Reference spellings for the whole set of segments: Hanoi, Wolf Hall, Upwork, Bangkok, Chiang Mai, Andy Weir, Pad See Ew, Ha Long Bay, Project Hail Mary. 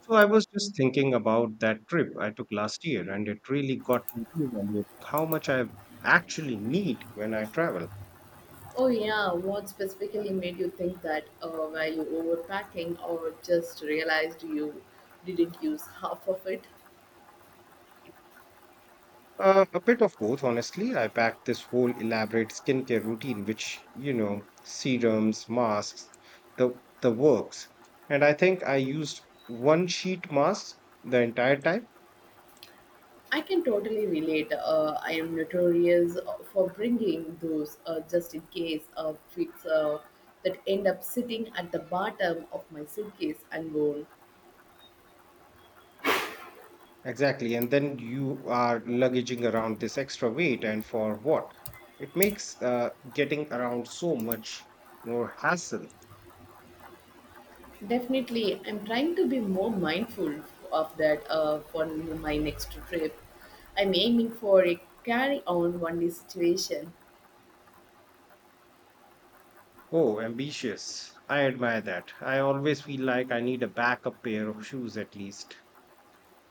So I was just thinking about that trip I took last year, and it really got me reevaluating how much I actually need when I travel. Oh yeah, what specifically made you think that? Were you overpacking or just realized you didn't use half of it? A bit of both, honestly. I packed this whole elaborate skincare routine, which, you know, serums, masks, the the works. And I think I used one sheet mask the entire time. I can totally relate. I am notorious for bringing those just in case fits that end up sitting at the bottom of my suitcase unworn. Exactly. And then you are luggaging around this extra weight, and for what? It makes getting around so much more hassle. Definitely, I'm trying to be more mindful of that for my next trip. I'm aiming for a carry on one day situation. Oh, ambitious. I admire that. I always feel like I need a backup pair of shoes at least.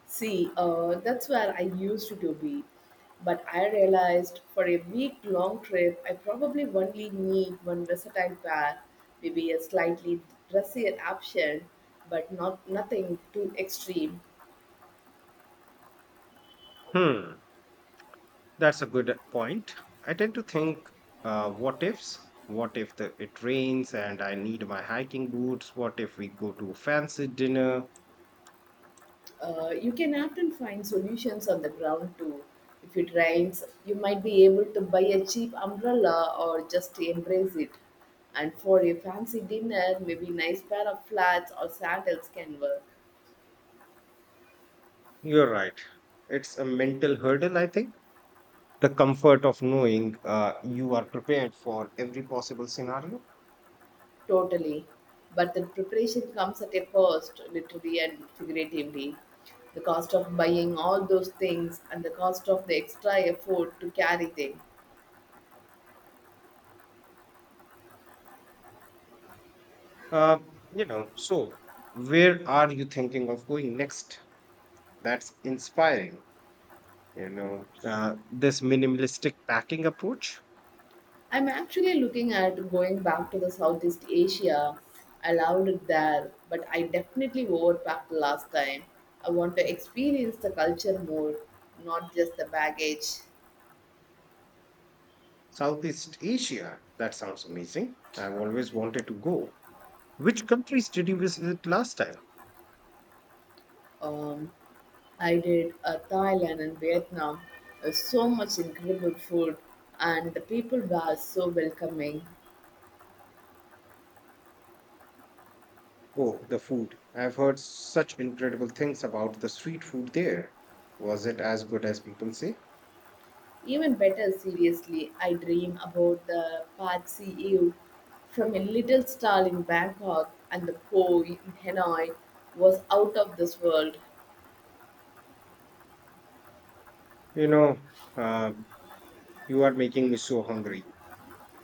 See, that's where I used to be. But I realized for a week long trip, I probably only need one versatile pair, maybe a slightly dressier option, but not nothing too extreme. Hmm, that's a good point. I tend to think, what ifs? What if it rains and I need my hiking boots? What if we go to a fancy dinner? You can often find solutions on the ground too. If it rains, you might be able to buy a cheap umbrella or just embrace it. And for a fancy dinner, maybe nice pair of flats or sandals can work. You're right. It's a mental hurdle, I think. The comfort of knowing you are prepared for every possible scenario. Totally. But the preparation comes at a cost, literally and figuratively. The cost of buying all those things and the cost of the extra effort to carry them. Uh, so where are you thinking of going next? That's inspiring. This minimalistic packing approach. I'm actually looking at going back to the Southeast Asia. I loved it there, but I definitely overpacked last time. I want to experience the culture more, not just the baggage. Southeast Asia, that sounds amazing. I've always wanted to go. Which countries did you visit last time? Um, I did Thailand and Vietnam. So much incredible food, and the people were so welcoming. Oh, the food. I've heard such incredible things about the street food there. Was it as good as people say? Even better, seriously, I dream about the Pad See Ew from a little stall in Bangkok, and the pho in Hanoi was out of this world. you know uh, you are making me so hungry.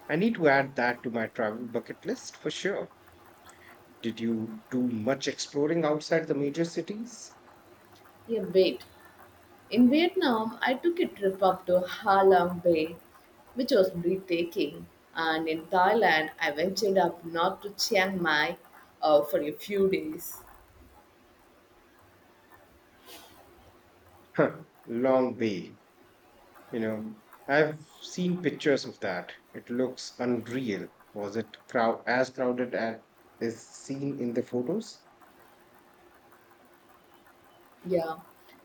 I need to add that to my travel bucket list for sure. Did you do much exploring outside the major cities? Yeah, wait. In Vietnam, I took a trip up to Ha Long Bay, which was breathtaking. And in Thailand, I ventured up north to Chiang Mai for a few days. Huh, long way. You know, I've seen pictures of that. It looks unreal. Was it as crowded as is seen in the photos? Yeah,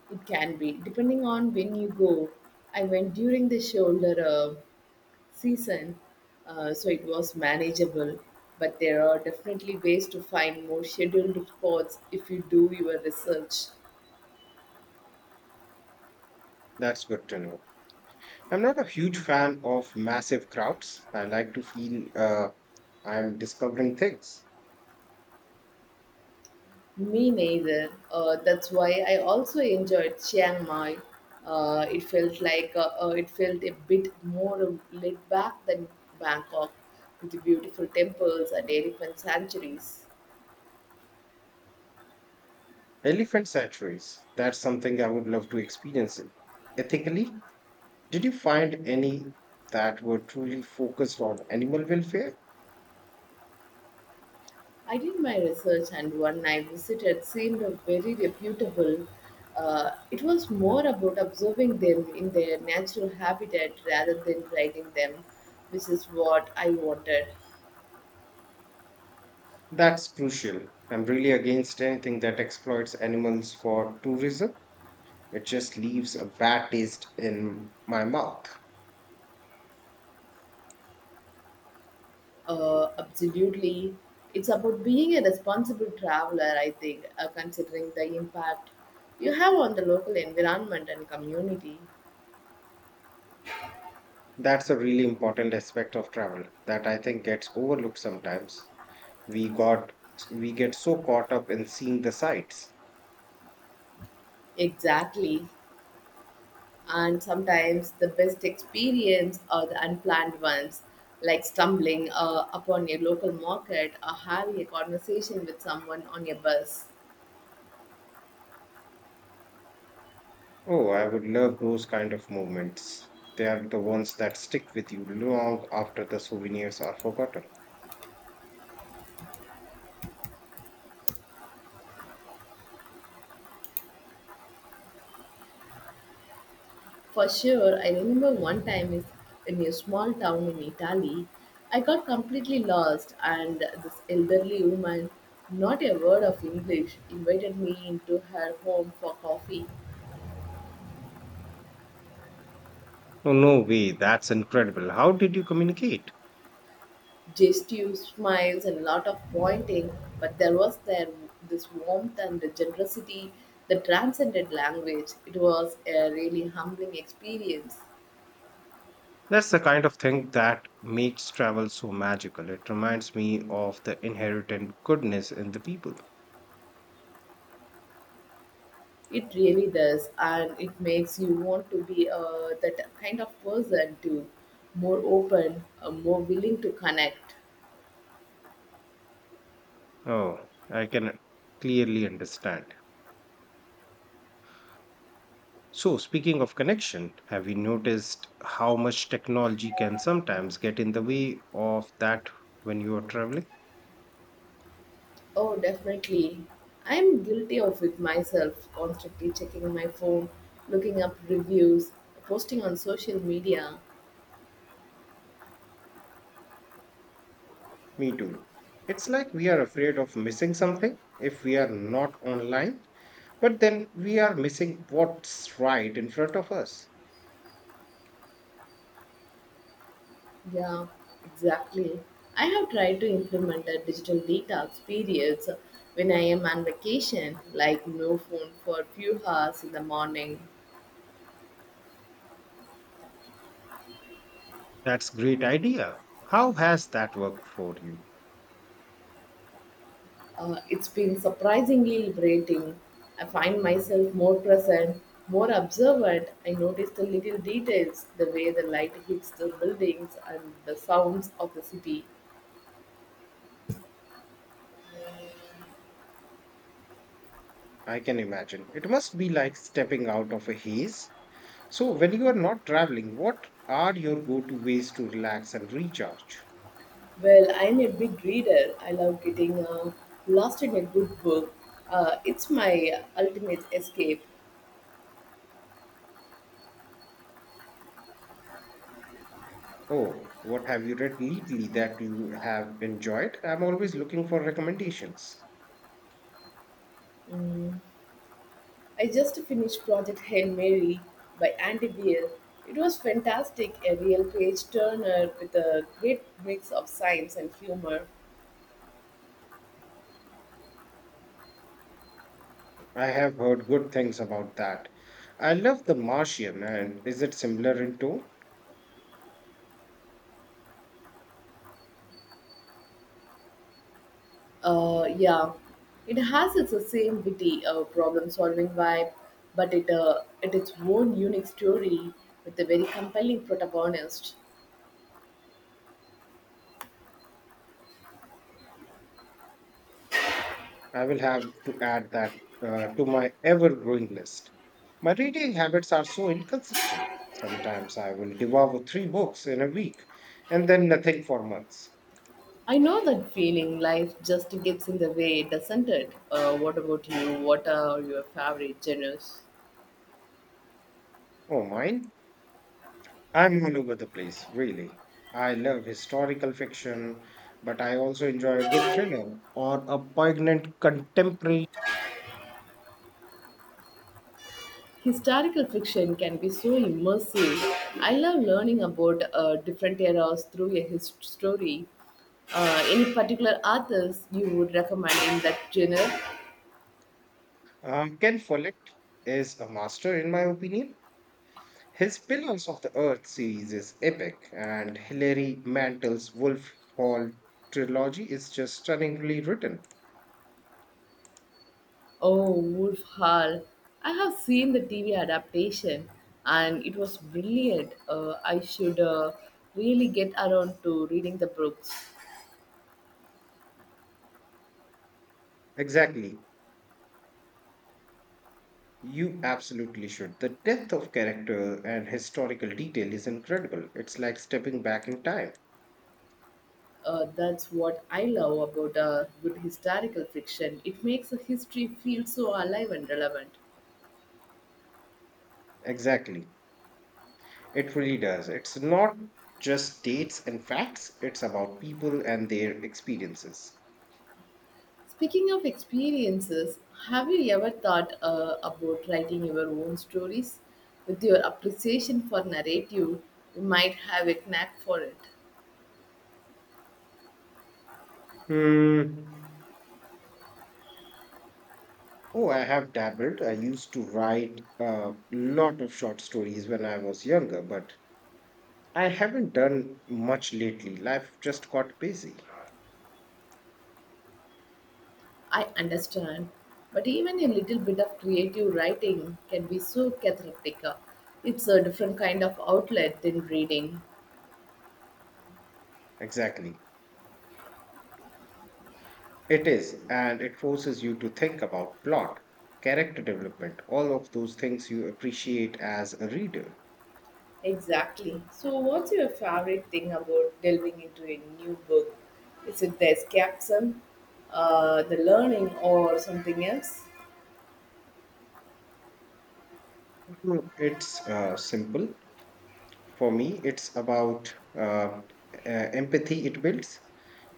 it can be, depending on when you go. I went during the shoulder season, so it was manageable. But there are definitely ways to find more scheduled spots if you do your research. That's good to know. I'm not a huge fan of massive crowds. I like to feel I'm discovering things. Me neither. That's why I also enjoyed Chiang Mai. It felt a bit more laid back than Bangkok, with beautiful temples and elephant sanctuaries. Elephant sanctuaries, that's something I would love to experience in. Ethically, did you find any that were truly focused on animal welfare? I did my research, and one I visited seemed very reputable. It was more about observing them in their natural habitat rather than riding them, which is what I wanted. That's crucial. I'm really against anything that exploits animals for tourism. It just leaves a bad taste in my mouth. Absolutely. It's about being a responsible traveler, I think, considering the impact you have on the local environment and community. That's a really important aspect of travel that I think gets overlooked sometimes. We got we get so caught up in seeing the sights. Exactly. And sometimes the best experience are the unplanned ones, like stumbling upon a local market or having a conversation with someone on your bus. Oh, I would love those kind of moments. They are the ones that stick with you long after the souvenirs are forgotten. For sure, I remember one time in a small town in Italy, I got completely lost, and this elderly woman, not a word of English, invited me into her home for coffee. Oh, no way. That's incredible. How did you communicate? Gestures, smiles, and a lot of pointing, but there was there this warmth and generosity that transcended language. It was a really humbling experience. That's the kind of thing that makes travel so magical. It reminds me of the inherent goodness in the people. It really does, and it makes you want to be that kind of person too, more open, more willing to connect. Oh, I can clearly understand. So, speaking of connection, have you noticed how much technology can sometimes get in the way of that when you are traveling? Oh, definitely. I'm guilty of it myself, constantly checking my phone, looking up reviews, posting on social media. Me too. It's like we are afraid of missing something if we are not online, but then we are missing what's right in front of us. Yeah, exactly. I have tried to implement a digital detox periods when I am on vacation, like no phone for a few hours in the morning. That's great idea. How has that worked for you? It's been surprisingly liberating. I find myself more present, more observant. I notice the little details, the way the light hits the buildings and the sounds of the city. I can imagine. It must be like stepping out of a haze. So, when you are not traveling, what are your go to ways to relax and recharge? Well, I'm a big reader. I love getting lost in a good book. It's my ultimate escape. Oh, what have you read lately that you have enjoyed? I'm always looking for recommendations. I just finished Project Hail Mary by Andy Weir. It was fantastic, a real page turner with a great mix of science and humor. I have heard good things about that. I love The Martian, and is it similar in tone? Yeah, it has its same witty problem-solving vibe, but it its own unique story with a very compelling protagonist. I will have to add that to my ever growing list. My reading habits are so inconsistent. Sometimes I will devour three books in a week and then nothing for months. I know that feeling. Life just gets in the way, doesn't it? What about you? What are your favorite genres? Oh, mine? I'm all over the place, really. I love historical fiction, but I also enjoy a good thriller or a poignant contemporary. Historical fiction can be so immersive. I love learning about different eras through a story. Any particular authors you would recommend in that genre? Ken Follett is a master, in my opinion. His Pillars of the Earth series is epic, and Hilary Mantel's Wolf Hall trilogy is just stunningly written. Oh, Wolf Hall. I have seen the TV adaptation and it was brilliant. I should really get around to reading the books. Exactly. You absolutely should. The depth of character and historical detail is incredible. It's like stepping back in time. That's what I love about good historical fiction. It makes a history feel so alive and relevant. Exactly. It really does. It's not just dates and facts, it's about people and their experiences. Speaking of experiences, have you ever thought about writing your own stories? With your appreciation for narrative, you might have a knack for it. Hmm. Oh, I have dabbled. I used to write a lot of short stories when I was younger, but I haven't done much lately. Life just got busy. I understand, but even a little bit of creative writing can be so cathartic. It's a different kind of outlet than reading. Exactly. It is, and it forces you to think about plot, character development, all of those things you appreciate as a reader. Exactly. So, what's your favorite thing about delving into a new book? Is it the escapism, the learning, or something else? Mm, it's simple. For me, it's about empathy it builds.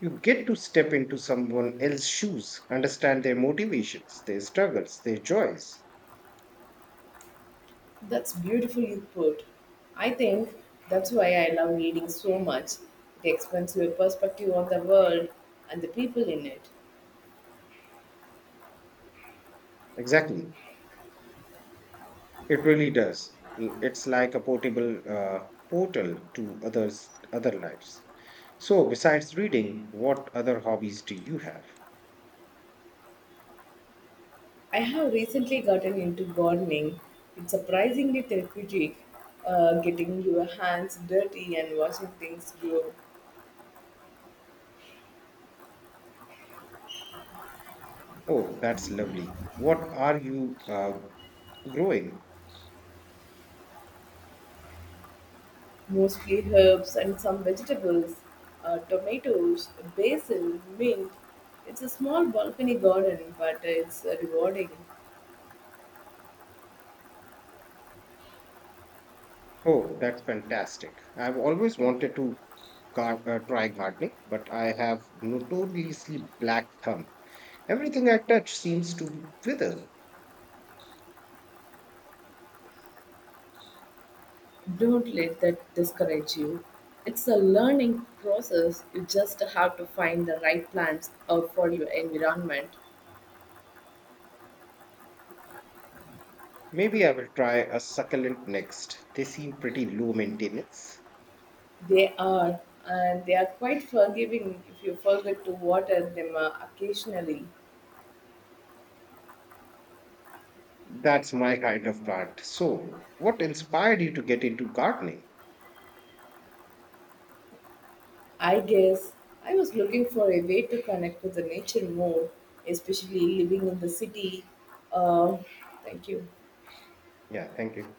You get to step into someone else's shoes, understand their motivations, their struggles, their joys. That's beautiful you put. I think that's why I love reading so much. It expands your perspective on the world and the people in it. Exactly. It really does. Mm, it's like a portable portal to others' other lives. So, besides reading, what other hobbies do you have? I have recently gotten into gardening. It's surprisingly therapeutic, getting your hands dirty and watching things grow. Oh, that's lovely. What are you growing? Mostly herbs and some vegetables, tomatoes, basil, mint. It's a small balcony garden, but it's rewarding. Oh, that's fantastic. I've always wanted to try gardening, but I have notoriously black thumb. Everything I touch seems to wither. Don't let that discourage you. It's a learning process. You just have to find the right plants for your environment. Maybe I will try a succulent next. They seem pretty low maintenance. They are, and they are quite forgiving if you forget to water them occasionally. That's my kind of plant. So, what inspired you to get into gardening? I guess I was looking for a way to connect with the nature more, especially living in the city. Uh, thank you. Yeah, thank you.